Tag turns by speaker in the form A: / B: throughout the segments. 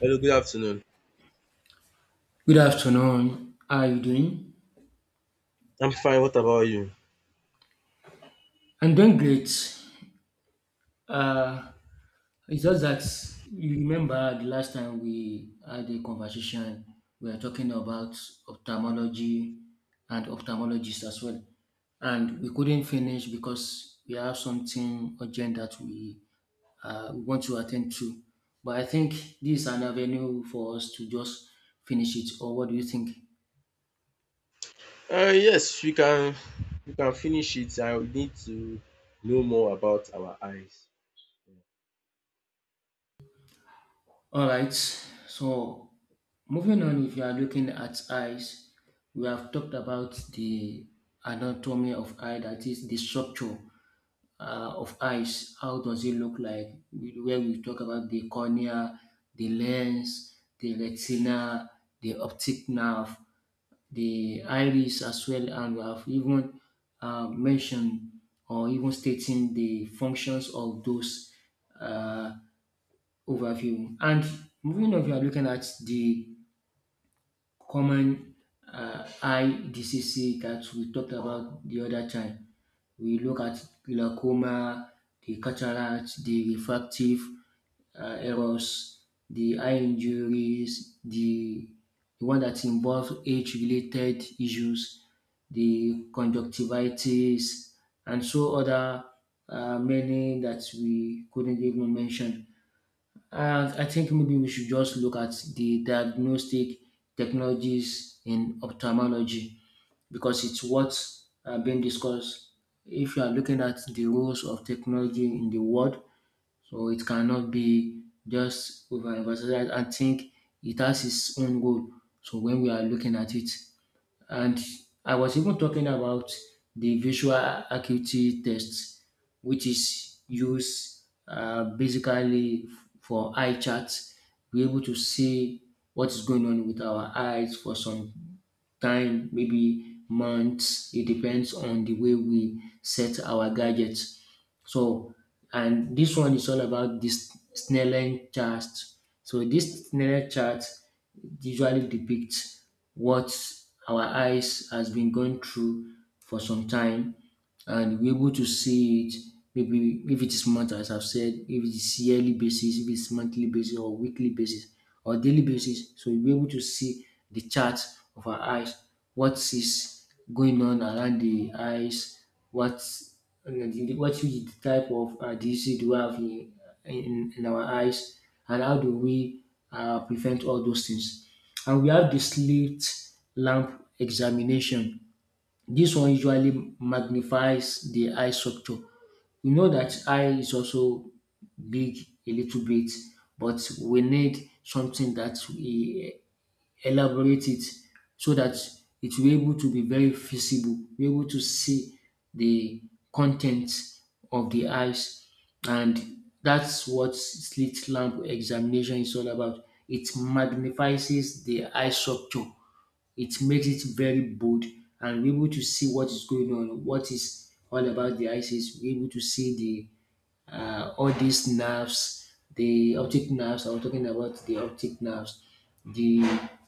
A: Hello, good afternoon.
B: Good afternoon. How are you doing?
A: I'm fine. What about you?
B: I'm doing great. Uh, it's just that you remember the last time we had a conversation, we were talking about ophthalmology and ophthalmologists as well. And we couldn't finish because we have something urgent that we want to attend to. But I think this is an avenue for us to just finish it. Or what do you think?
A: Yes, we can finish it. I need to know more about our eyes.
B: All right. So moving on, if you are looking at eyes, we have talked about the anatomy of eye, that is the structure of eyes. How does it look like? Where we talk about the cornea, the lens, the retina, the optic nerve, the iris as well, and we have even mentioned or even stating the functions of those. Uh, Overview. And moving on, we are looking at the common eye diseases that we talked about the other time. We look at glaucoma, the cataract, the refractive errors, the eye injuries, the one that involves age-related issues, the conjunctivitis, and so other many that we couldn't even mention. I think maybe we should just look at the diagnostic technologies in ophthalmology because it's what's being discussed. If you are looking at the roles of technology in the world, so it cannot be just overemphasized. I think it has its own goal. So when we are looking at it, and I was even talking about the visual acuity test, which is used basically for eye charts. We're able to see what is going on with our eyes for some time, maybe months. It depends on the way we set our gadgets. So, and this one is all about this Snellen chart. So, this Snellen chart usually depicts what our eyes has been going through for some time and we're able to see it maybe if it is month as I've said, if it is yearly basis, if it's monthly basis or weekly basis or daily basis. So we will be able to see the chart of our eyes, what is going on around the eyes, what what is the type of disease do we have in our eyes and how do we prevent all those things. And we have the slit lamp examination, this one usually magnifies the eye structure. We know that eye is also big a little bit, but we need something that we elaborate it so that it will be able to be very visible, be able to see the contents of the eyes. And that's what slit lamp examination is all about. It magnifies the eye structure, it makes it very bold and we're able to see what is going on, what is all about the ISIS. We're able to see the all these nerves, the optic nerves. I was talking about the optic nerves, the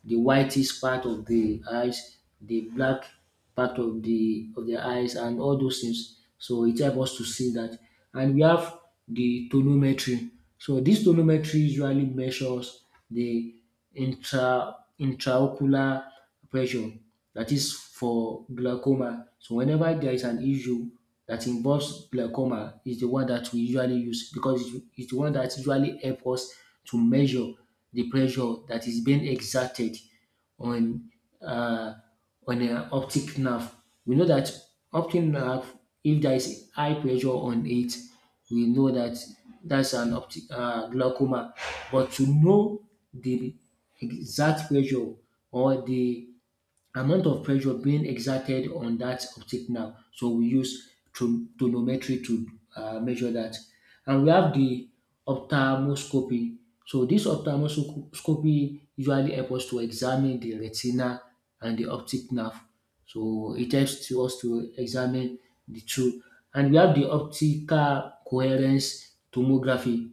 B: the whitish part of the eyes, the black part of the eyes, and all those things. So it helps us to see that. And we have the tonometry. So this tonometry usually measures the intraocular pressure that is for glaucoma. So whenever there is an issue that involves glaucoma is the one that we usually use because it's the one that usually help us to measure the pressure that is being exerted on uh, on an optic nerve. We know that optic nerve, if there is high pressure on it, we know that that's an optic glaucoma. But to know the exact pressure or the amount of pressure being exerted on that optic nerve. So we use tonometry to measure that. And we have the ophthalmoscopy. So this ophthalmoscopy usually helps us to examine the retina and the optic nerve. So it helps to us to examine the two. And we have the optical coherence tomography.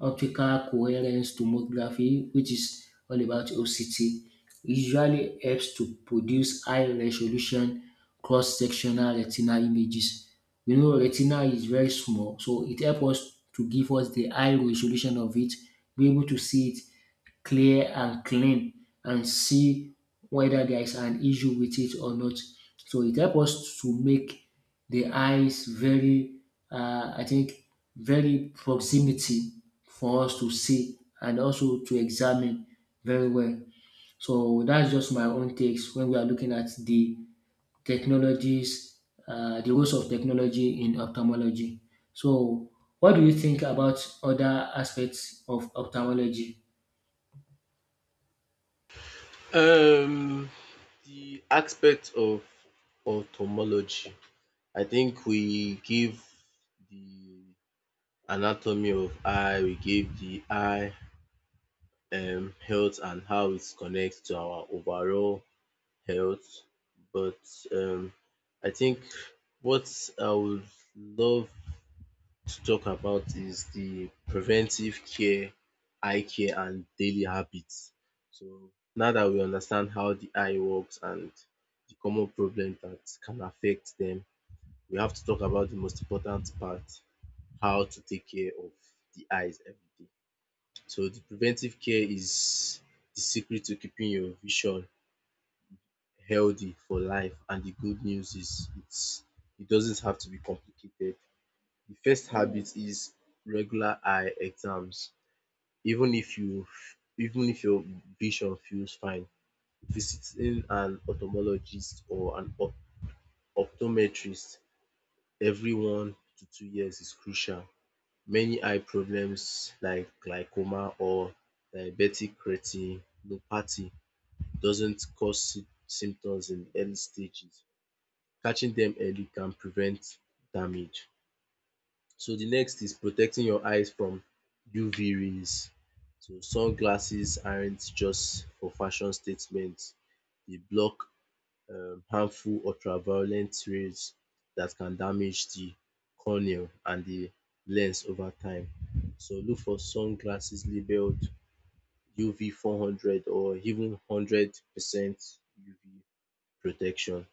B: Optical coherence tomography, which is all about OCT usually helps to produce high-resolution cross-sectional retinal images. You know retina is very small so it helps us to give us the high resolution of it, be able to see it clear and clean and see whether there is an issue with it or not. So it helps us to make the eyes very I think very proximity for us to see and also to examine very well. So that's just my own takes when we are looking at the technologies, the roles of technology in ophthalmology. So, what do you think about other aspects of ophthalmology?
A: Um, the aspect of ophthalmology. I think we give the anatomy of eye, we give the eye health and how it connects to our overall health. But um, I think what I would love to talk about is the preventive care, eye care and daily habits. So now that we understand how the eye works and the common problem that can affect them, we have to talk about the most important part, how to take care of the eyes every day. So the preventive care is the secret to keeping your vision healthy for life, and the good news is it doesn't have to be complicated. The first habit is regular eye exams. Even if you Even if your vision feels fine, visiting an ophthalmologist or an optometrist every 1 to 2 years is crucial. Many eye problems like glaucoma or diabetic retinopathy doesn't cause symptoms in early stages. Catching them early can prevent damage. So the next is protecting your eyes from UV rays. So sunglasses aren't just for fashion statements. They block harmful ultraviolet rays that can damage the cornea and the lens over time. So look for sunglasses labeled UV 400 or even 100% UV protection.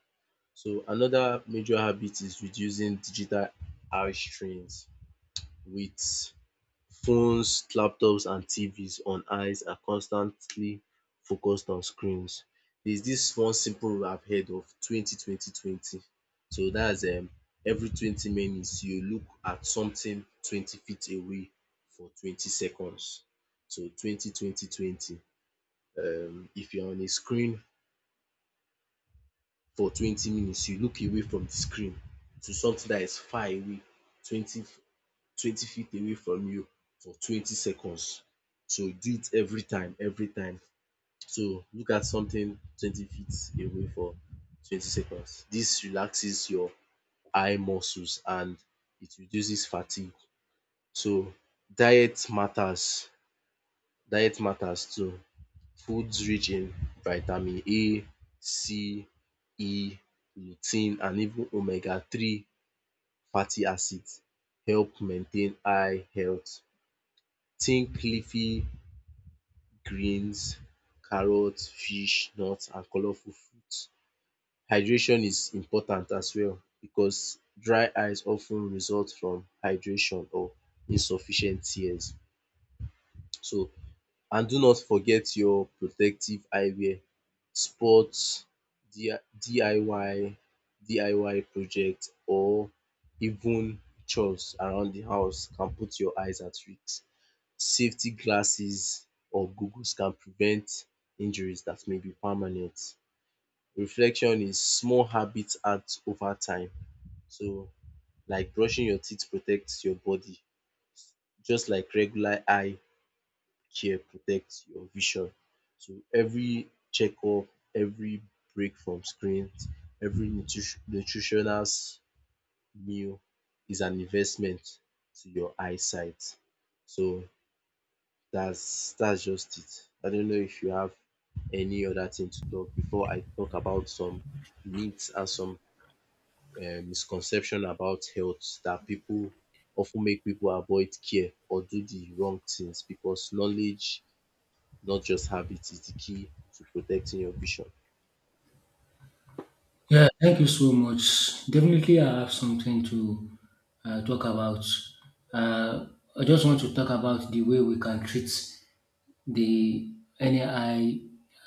A: So another major habit is reducing digital eye strains with phones, laptops and TVs. On eyes are constantly focused on screens. There's this one simple rule I've heard of, 20-20-20. So that's every 20 minutes you look at something 20 feet away for 20 seconds. So 20-20-20, if you're on a screen for 20 minutes you look away from the screen to something that is far away, 20 20 feet away from you, for 20 seconds. So do it every time, every time. So look at something 20 feet away for 20 seconds. Dis relaxes your eye muscles and it reduces fatigue. So diet matters, diet matters too. Foods rich in vitamin A, C, E, lutein and even omega three fatty acid help maintain eye health. Think leafy greens, carrots, fish, nuts and colorful fruits. Hydration is important as well, because dry eyes of ten result from hydration or insufficient tears. So and do not forget your protective eyewear, sports, DIY DIY project or even chores around the house can put your eyes at risk. Safety glasses or goggles can prevent injuries that may be permanent. Reflection is small habits adds over time. So like brushing your teeth protects your body, just like regular eye care protects your vision. So every checkup, every break from screens, every nutritional meal is an investment to your eyesight. So that's just it. I don't know if you have any other thing to talk before I talk about some myths and some misconception about health that people often make people avoid care or do the wrong things, because knowledge, not just habit, is the key to protecting your vision.
B: Yeah, thank you so much. Definitely, I have something to talk about. Uh, I just want to talk about the way we can treat the any eye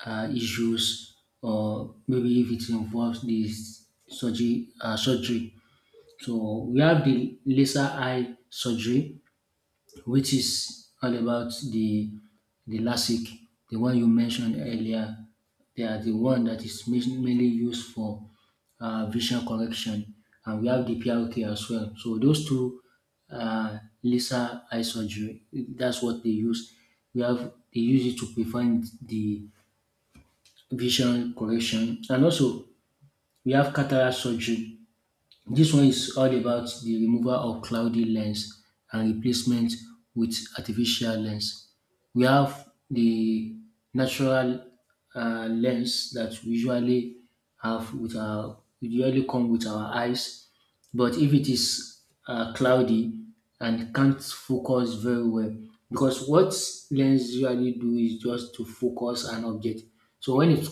B: issues, or maybe if it involves the surgery. Surgery. So we have the laser eye surgery, which is all about the LASIK, the one you mentioned earlier. They are the one that is mainly used for vision correction, and we have the PRK as well. So those two laser eye surgery, that's what they use. We have they use it to prevent the vision correction, and also we have cataract surgery, this one is all about the removal of cloudy lens and replacement with artificial lens. We have the natural lens that we usually have with our usually come with our eyes, but if it is cloudy and can't focus very well, because what lens usually do is just to focus an object. So when it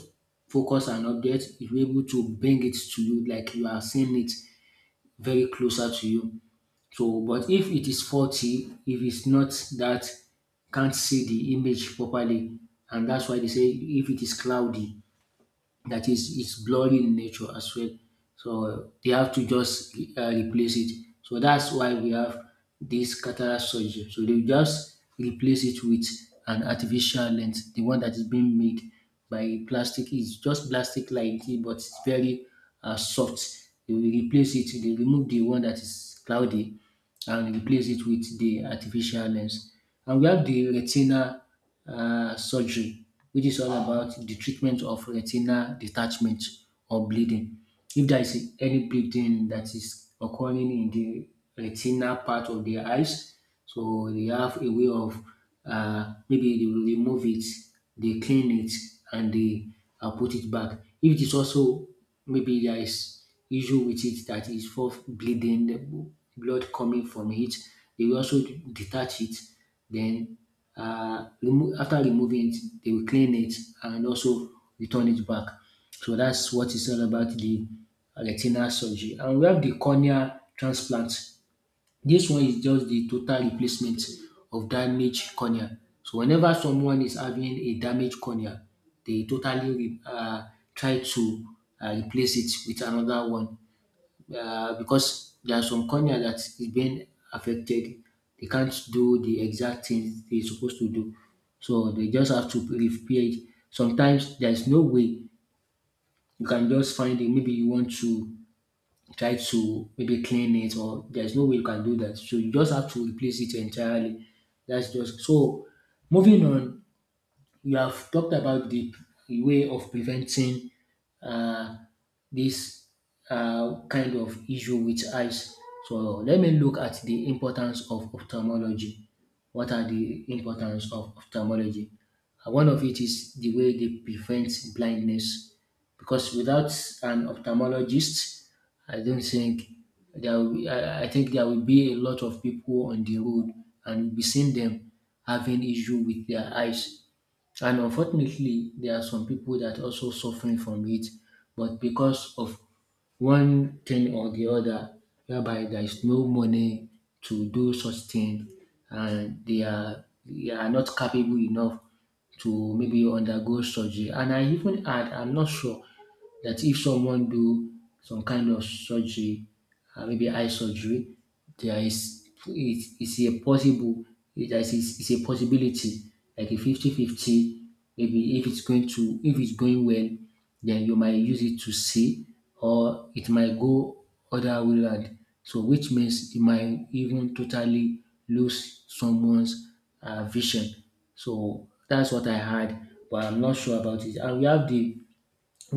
B: focus an object, you're able to bring it to you like you are seeing it very closer to you. So, but if it is faulty, if it's not that can't see the image properly, and that's why they say if it is cloudy, that is it's blurry in nature as well. So they have to just replace it. So that's why we have this cataract surgery. So they just replace it with an artificial lens, the one that is being made by plastic. It's just plastic like it, but it's very soft. They will replace it. They remove the one that is cloudy and replace it with the artificial lens. And we have the retina surgery, which is all about the treatment of retinal detachment or bleeding. If there is any bleeding that is occurring in the retinal part of the eyes, so they have a way of maybe they will remove it, they clean it, and they put it back. If it is also maybe there is issue with it that is for bleeding, the blood coming from it, they will also detach it, then after removing it, they will clean it and also return it back. So that's what it's all about the retinal surgery. And we have the cornea transplant. This one is just the total replacement of damaged cornea. So whenever someone is having a damaged cornea, they totally try to replace it with another one because there are some cornea that is being affected. They can't do the exact things they're supposed to do. So they just have to repair it. Sometimes there's no way you can just find it. Maybe you want to try to maybe clean it, or there's no way you can do that. So you just have to replace it entirely. That's just so. Moving on, you have talked about the way of preventing uh, this kind of issue with eyes. So let me look at the importance of ophthalmology. What are the importance of ophthalmology? One of it is the way they prevent blindness, because without an ophthalmologist, I don't think there. Will be, I think there will be a lot of people on the road, and we seen them having issue with their eyes and unfortunately, there are some people that also suffering from it, but because of one thing or the other, whereby there is no money to do such thing, and they are not capable enough to maybe undergo surgery. And I even had, I'm not sure, that if someone do some kind of surgery, maybe eye surgery, there is it is a possible it is a possibility like a 50-50. Maybe if it's going to, if it's going well then you might use it to see or it might go other way round, so which means you might even totally lose someone's vision, so that's what I had but I'm not sure about it. And we have the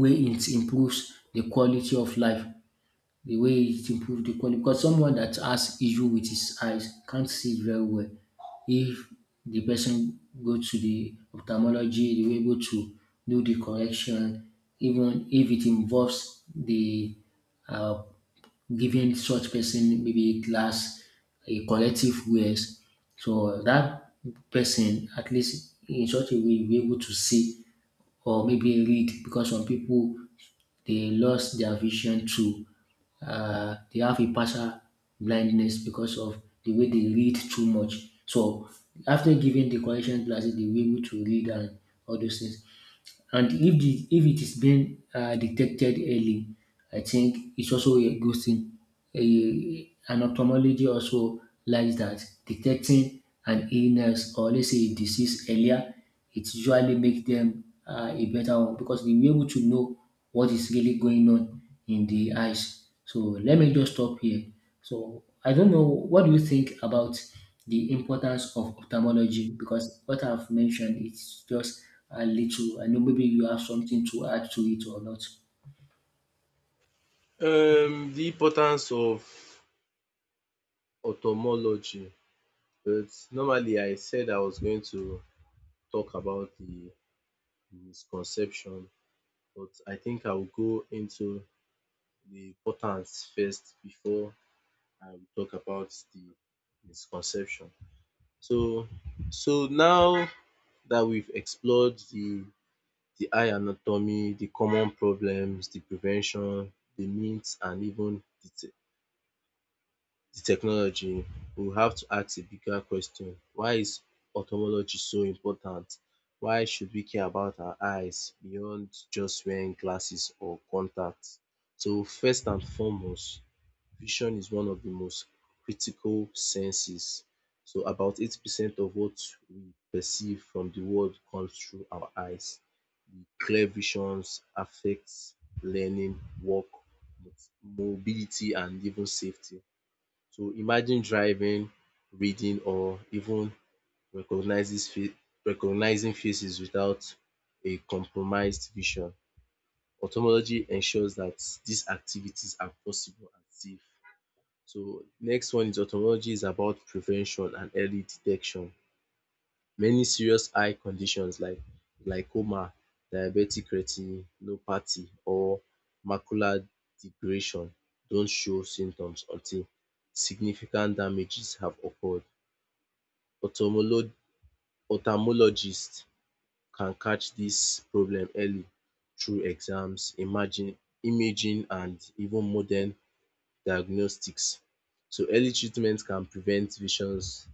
B: wey it improves the quality of life, the way it improve the quality because someone that has issue with his eyes can't see very well. If the person go to the ophthalmology, they will be able to do the correction even if it involves the um giving such person maybe glass, a corrective wears. So that person at least in such a way e be able to see or maybe read because some pipu they lost their vision too. They have a partial blindness because of the way they read too much. So after giving the correction glasses, they were able to read and all those things. And if it is being detected early, I think it's also a good thing a, an ophthalmology also lies that detecting an illness or let's say a disease earlier, it usually makes them a better one because they'll be able to know what is really going on in the eyes. So let me just stop here. So I don't know what do you think about the importance of ophthalmology because what I've mentioned it's just a little. I know maybe you have something to add to it or not.
A: The importance of ophthalmology. But normally, I said I was going to talk about the misconception, but I think I will go into the importance first before I will talk about the misconception. So now that we've explored the eye anatomy, the common problems, the prevention, the myths and even the technology, we have to ask a bigger question. Why is ophthalmology so important? Why should we care about our eyes beyond just wearing glasses or contacts? So first and foremost, vision is one of the most critical senses. So about 80% of what we perceive from the world comes through our eyes. The clear visions affects learning, work, mobility and even safety. So imagine driving, reading or even recognizes fa- recognizing faces without a compromised vision. Ophthalmology ensures that these activities are possible and safe. So next one is ophthalmology is about prevention and early detection. Many serious eye conditions like glaucoma, diabetic retinopathy or macular degeneration don't show symptoms until significant damages have occurred. Ophthalmologist can catch dis problem early through exams, imaging and even modern diagnostics. So early treatment can prevent visions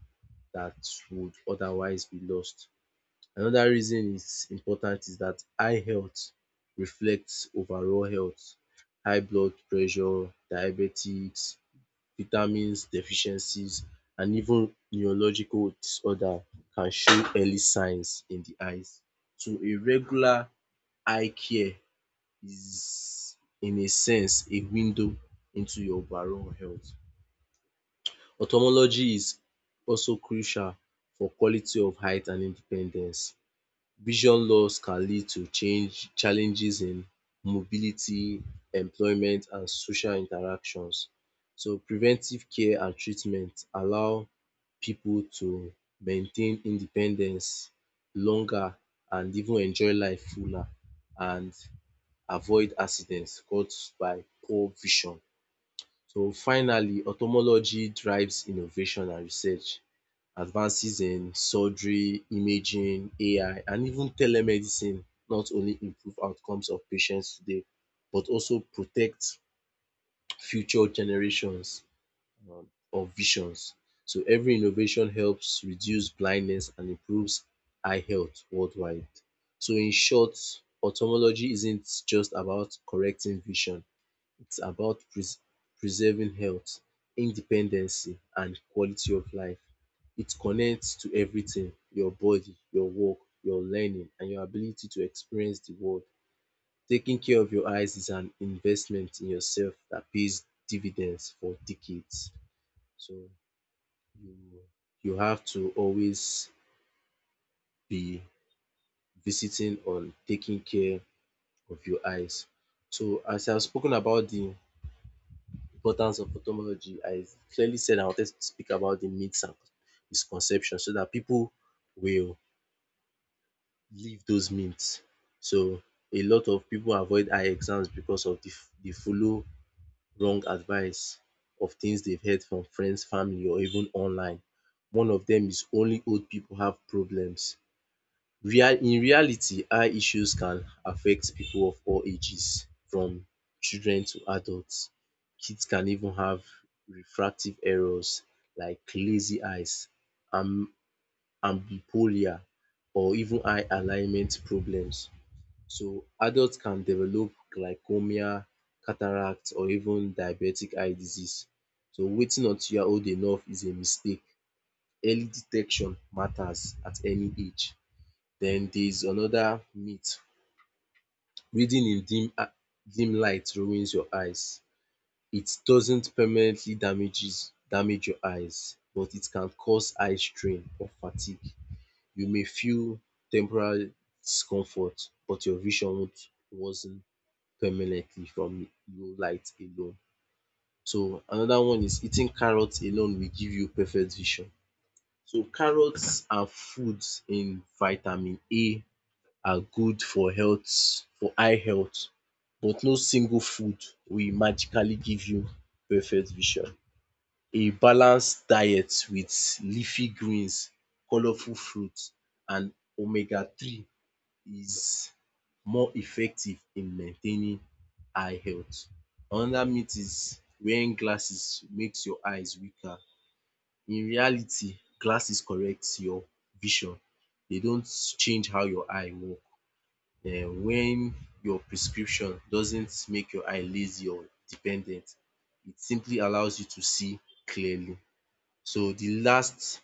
A: that would otherwise be lost. Another reason is important is that eye health reflects overall health. High blood pressure, diabetics, vitamins deficiencies and even neurological disorder can show early signs in the eyes. So a regular eye care is in a sense a window into your overall health. Ophthalmology is also crucial for quality of height and independence. Vision loss can lead to change challenges in mobility, employment and social interactions. So preventive care and treatment allow pipu to maintain independence longer and even enjoy life fuller and avoid accident caused by poor vision. So finally, ophthalmology drives innovation and research. Advances in surgery, imaging, AI and even telemedicine not only improve outcomes of patients today but also protect future generations of visions. So every innovation helps reduce blindness and improves eye health worldwide. So in short, ophthalmology isn't just about correcting vision, it's about preserving health, independency, and quality of life. It connects to everything, your body, your work, your learning, and your ability to experience the world. Taking care of your eyes is an investment in yourself that pays dividends for decades. So you you have to always be visiting on taking care of your eyes. So as I have spoken about the importance of ophthalmology, I clearly said I wanted to speak about the myths and misconceptions so that people will leave those myths. So a lot of people avoid eye exams because of the they follow wrong advice of things they've heard from friends, family or even online. One of them is only old people have problems. Real In reality, eye issues can affect people of all ages, from children to adults. Kids can even have refractive errors like lazy eyes, am- ambipolar or even eye alignment problems. So adults can develop glaucoma, cataract or even diabetic eye disease. So waiting until you are old enough is a mistake. Early detection matters at any age. Then there's another myth. Reading in dim light ruins your eyes. It doesn't permanently damages damage your eyes, but it can cause eye strain or fatigue. You may feel temporary discomfort but your vision won't worsen permanently from low light alone. So another one is eating carrots alone will give you perfect vision. So carrots are foods in vitamin A, are good for health, for eye health, but no single food will magically give you perfect vision. A balanced diet with leafy greens, colourful fruits and omega three is more effective in maintaining eye health. Another myth is wearing glasses makes your eyes weaker. In reality, glasses correct your vision. They don't change how your eye work. When your prescription doesn't make your eye lazy or dependent. It simply allows you to see clearly. So the last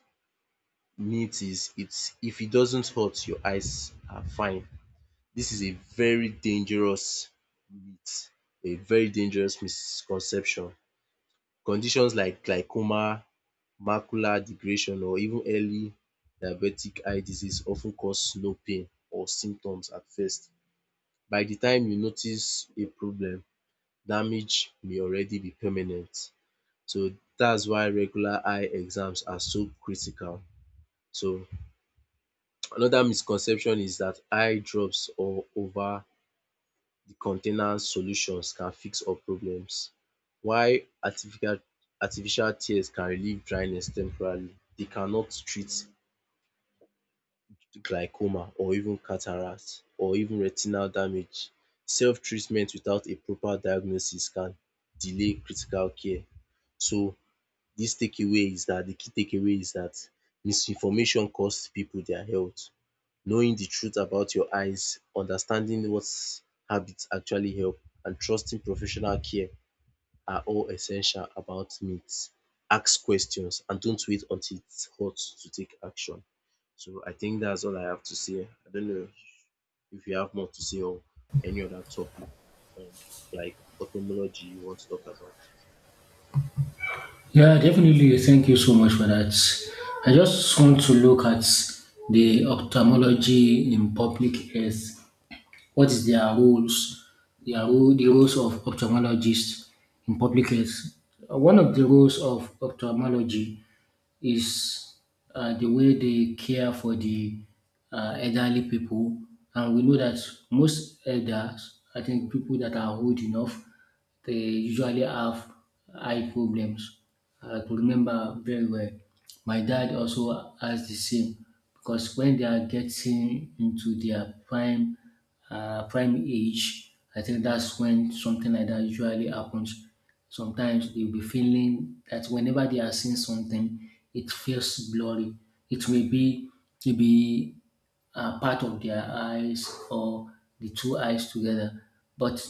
A: myth is, it's if it doesn't hurt, your eyes are fine. This is a very dangerous myth, a very dangerous misconception. Conditions like glaucoma, macular degeneration or even early diabetic eye disease often cause no pain or symptoms at first. By the time you notice a problem, damage may already be permanent. So that's why regular eye exams are so critical. So another misconception is that eye drops or over the container solutions can fix all problems. While artificial artificial tears can relieve dryness temporarily, they cannot treat glaucoma or even cataract or even retinal damage. Self-treatment without a proper diagnosis can delay critical care. So this takeaway is that the key takeaway is that misinformation costs people their health. Knowing the truth about your eyes, understanding what habits actually help and trusting professional care are all essential about myth. Ask questions and don't wait until it's hot to take action. So I think that's all I have to say. I don't know if you have more to say on any other topic, um, like ophthalmology you want to talk about.
B: Yeah, definitely. Thank you so much for that. I just want to look at the ophthalmology in public health. What is their roles? Their role, the roles of ophthalmologists in public health. One of the roles of ophthalmology is the way they care for the elderly people. And we know that most elders, I think people that are old enough, they usually have eye problems. I could remember very well. My dad also has the same because when they are getting into their prime prime age, I think that's when something like that usually happens. Sometimes they'll be feeling that whenever they are seeing something, it feels blurry. It may be to be a part of their eyes or the two eyes together, but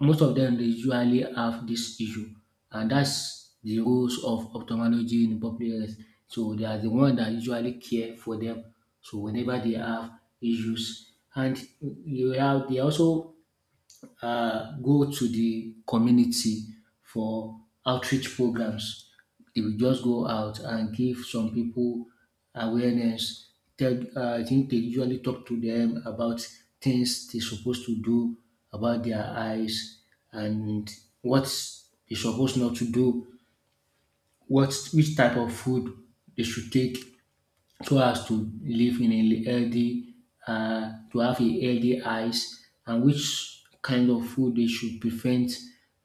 B: most of them they usually have this issue, and that's the roles of ophthalmology in public health. So they are the one that usually care for them. So whenever they have issues, and you have they also go to the community for outreach programs. They will just go out and give some people awareness. I think they usually talk to them about things they're supposed to do about their eyes and what they're supposed not to do, what which type of food they should take so as to live in a healthy, to have a healthy eyes and which kind of food they should prevent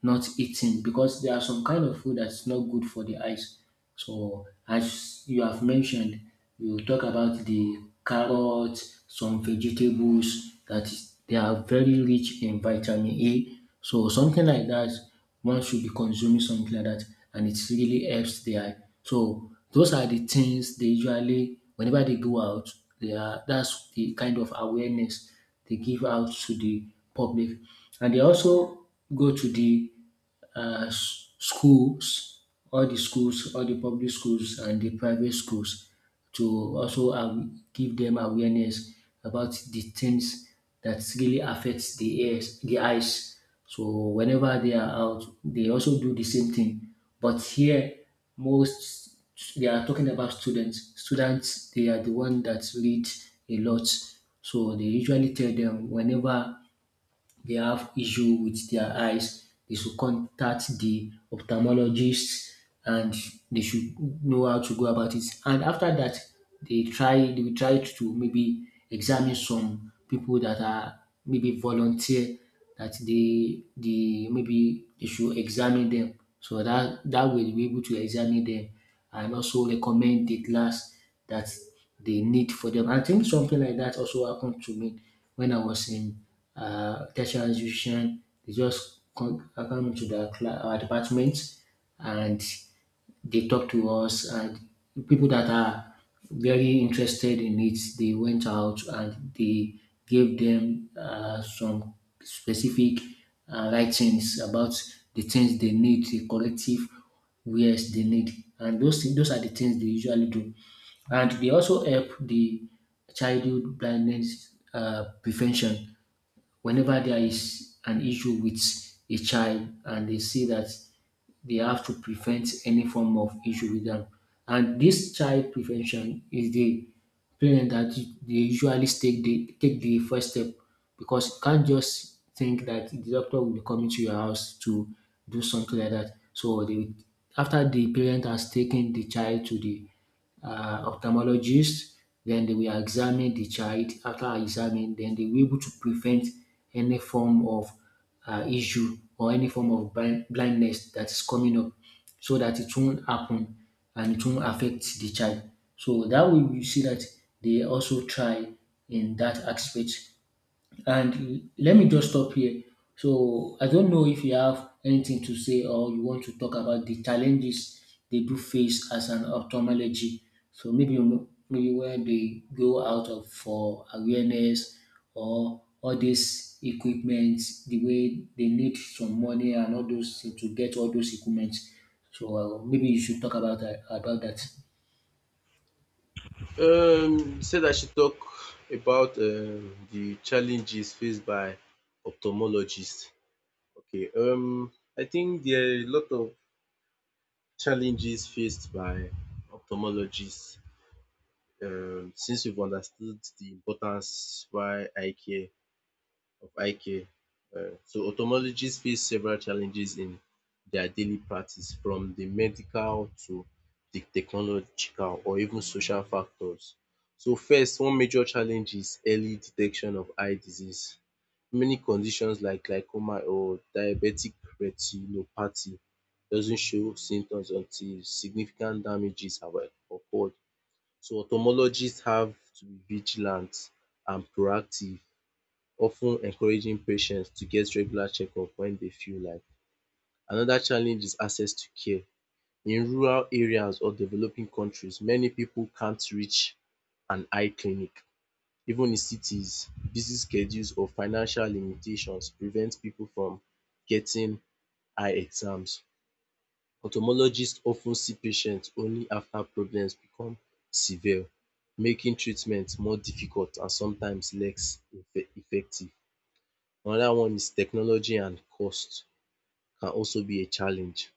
B: not eating because there are some kind of food that's not good for the eyes. So as you have mentioned, you talk about the carrots, some vegetables that is, they are very rich in vitamin A. So something like that one should be consuming something like that and it really helps the eye. So those are the things they usually whenever they go out, they are that's the kind of awareness they give out to the public. And they also go to the schools, all the schools, all the public schools and the private schools to also give them awareness about the things that really affects the ears, the eyes. So whenever they are out, they also do the same thing. But here, most they are talking about students. Students, they are the one that read a lot. So they usually tell them whenever they have issue with their eyes, they should contact the ophthalmologist and they should know how to go about it. And after that, they will try to maybe examine some people that are maybe volunteer that they the maybe they should examine them. So that that way they'll be able to examine them and also recommend the glass that the need for them. I think something like that also happened to me when I was in tertiary institution. They just come to the department and they talk to us, and people that are very interested in it, they went out and they gave them some specific writings about the things they need, the collective wares they need, and those things, those are the things they usually do. And they also help the childhood blindness prevention whenever there is an issue with a child and they see that they have to prevent any form of issue with them. And this child prevention is the parent that they usually take the first step because you can't just think that the doctor will be coming to your house to do something like that. So they after the parent has taken the child to the ophthalmologist. Then they will examine the child. After examining, then they will be able to prevent any form of issue or any form of blindness that is coming up so that it won't happen and it won't affect the child. So that way we see that they also try in that aspect and let me just stop here. So I don't know if you have anything to say or you want to talk about the challenges they do face as an ophthalmology. So maybe when they go out of for awareness or all this equipment, the way they need some money and all those things to get all those equipment. So maybe you should talk about about that.
A: Said I should talk about the challenges faced by ophthalmologists. Okay. I think there are a lot of challenges faced by ophthalmologists. Since we've understood the importance why eye care of IK. So ophthalmologists face several challenges in their daily practice, from the medical to the technological or even social factors. So first, one major challenge is early detection of eye disease. Many conditions like glaucoma or diabetic retinopathy doesn't show symptoms until significant damages have occurred. So ophthalmologists have to be vigilant and proactive, often encouraging patients to get regular checkup when they feel like. Another challenge is access to care. In rural areas or developing countries, many people can't reach an eye clinic. Even in cities, busy schedules or financial limitations prevent people from getting eye exams. Ophthalmologists often see patients only after problems become severe, making treatment more difficult and sometimes less effective. Another one is technology and cost can also be a challenge.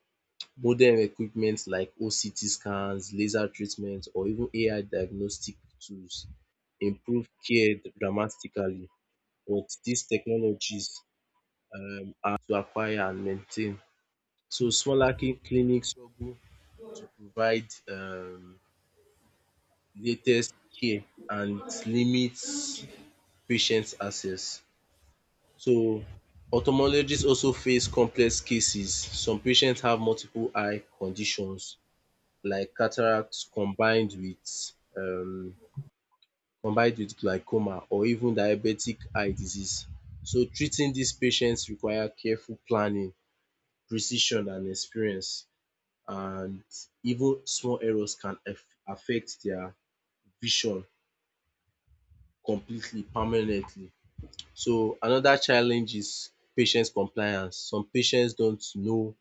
A: Modern equipment like OCT scans, laser treatment or even AI diagnostic tools improve care dramatically, but these technologies are to acquire and maintain. So smaller clinics struggle to provide latest care and limits patients' access. So ophthalmologists also face complex cases. Some patients have multiple eye conditions like cataracts combined with glaucoma or even diabetic eye disease. So treating these patients require careful planning, precision and experience, and even small errors can affect their vision completely permanently. So another challenge is patient compliance. Some patients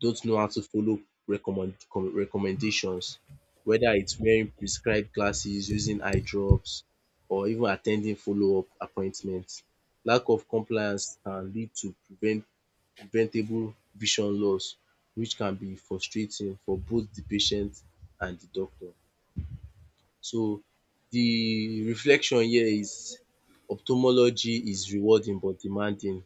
A: don't know how to follow recommendations, whether it's wearing prescribed glasses, using eye drops or even attending follow-up appointments. Lack of compliance can lead to preventable vision loss, which can be frustrating for both the patient and the doctor. So the reflection here is ophthalmology is rewarding but demanding.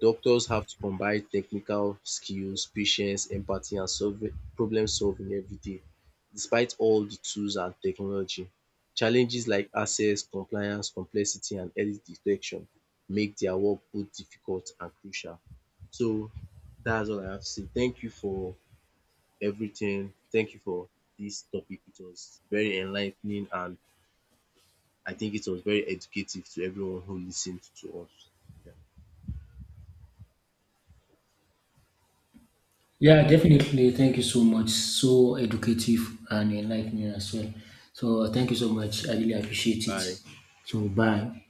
A: Doctors have to combine technical skills, patience, empathy and solving problem solving every day. Despite all the tools and technology, challenges like access, compliance, complexity and early detection make their work both difficult and crucial. So that's all I have to say. Thank you for everything. Thank you for this topic. It was very enlightening, and I think it was very educative to everyone who listened to us.
B: Yeah, definitely. Thank you so much. So educative and enlightening as well. So thank you so
A: Yeah.
B: much. I really appreciate it.
A: Bye.
B: So bye.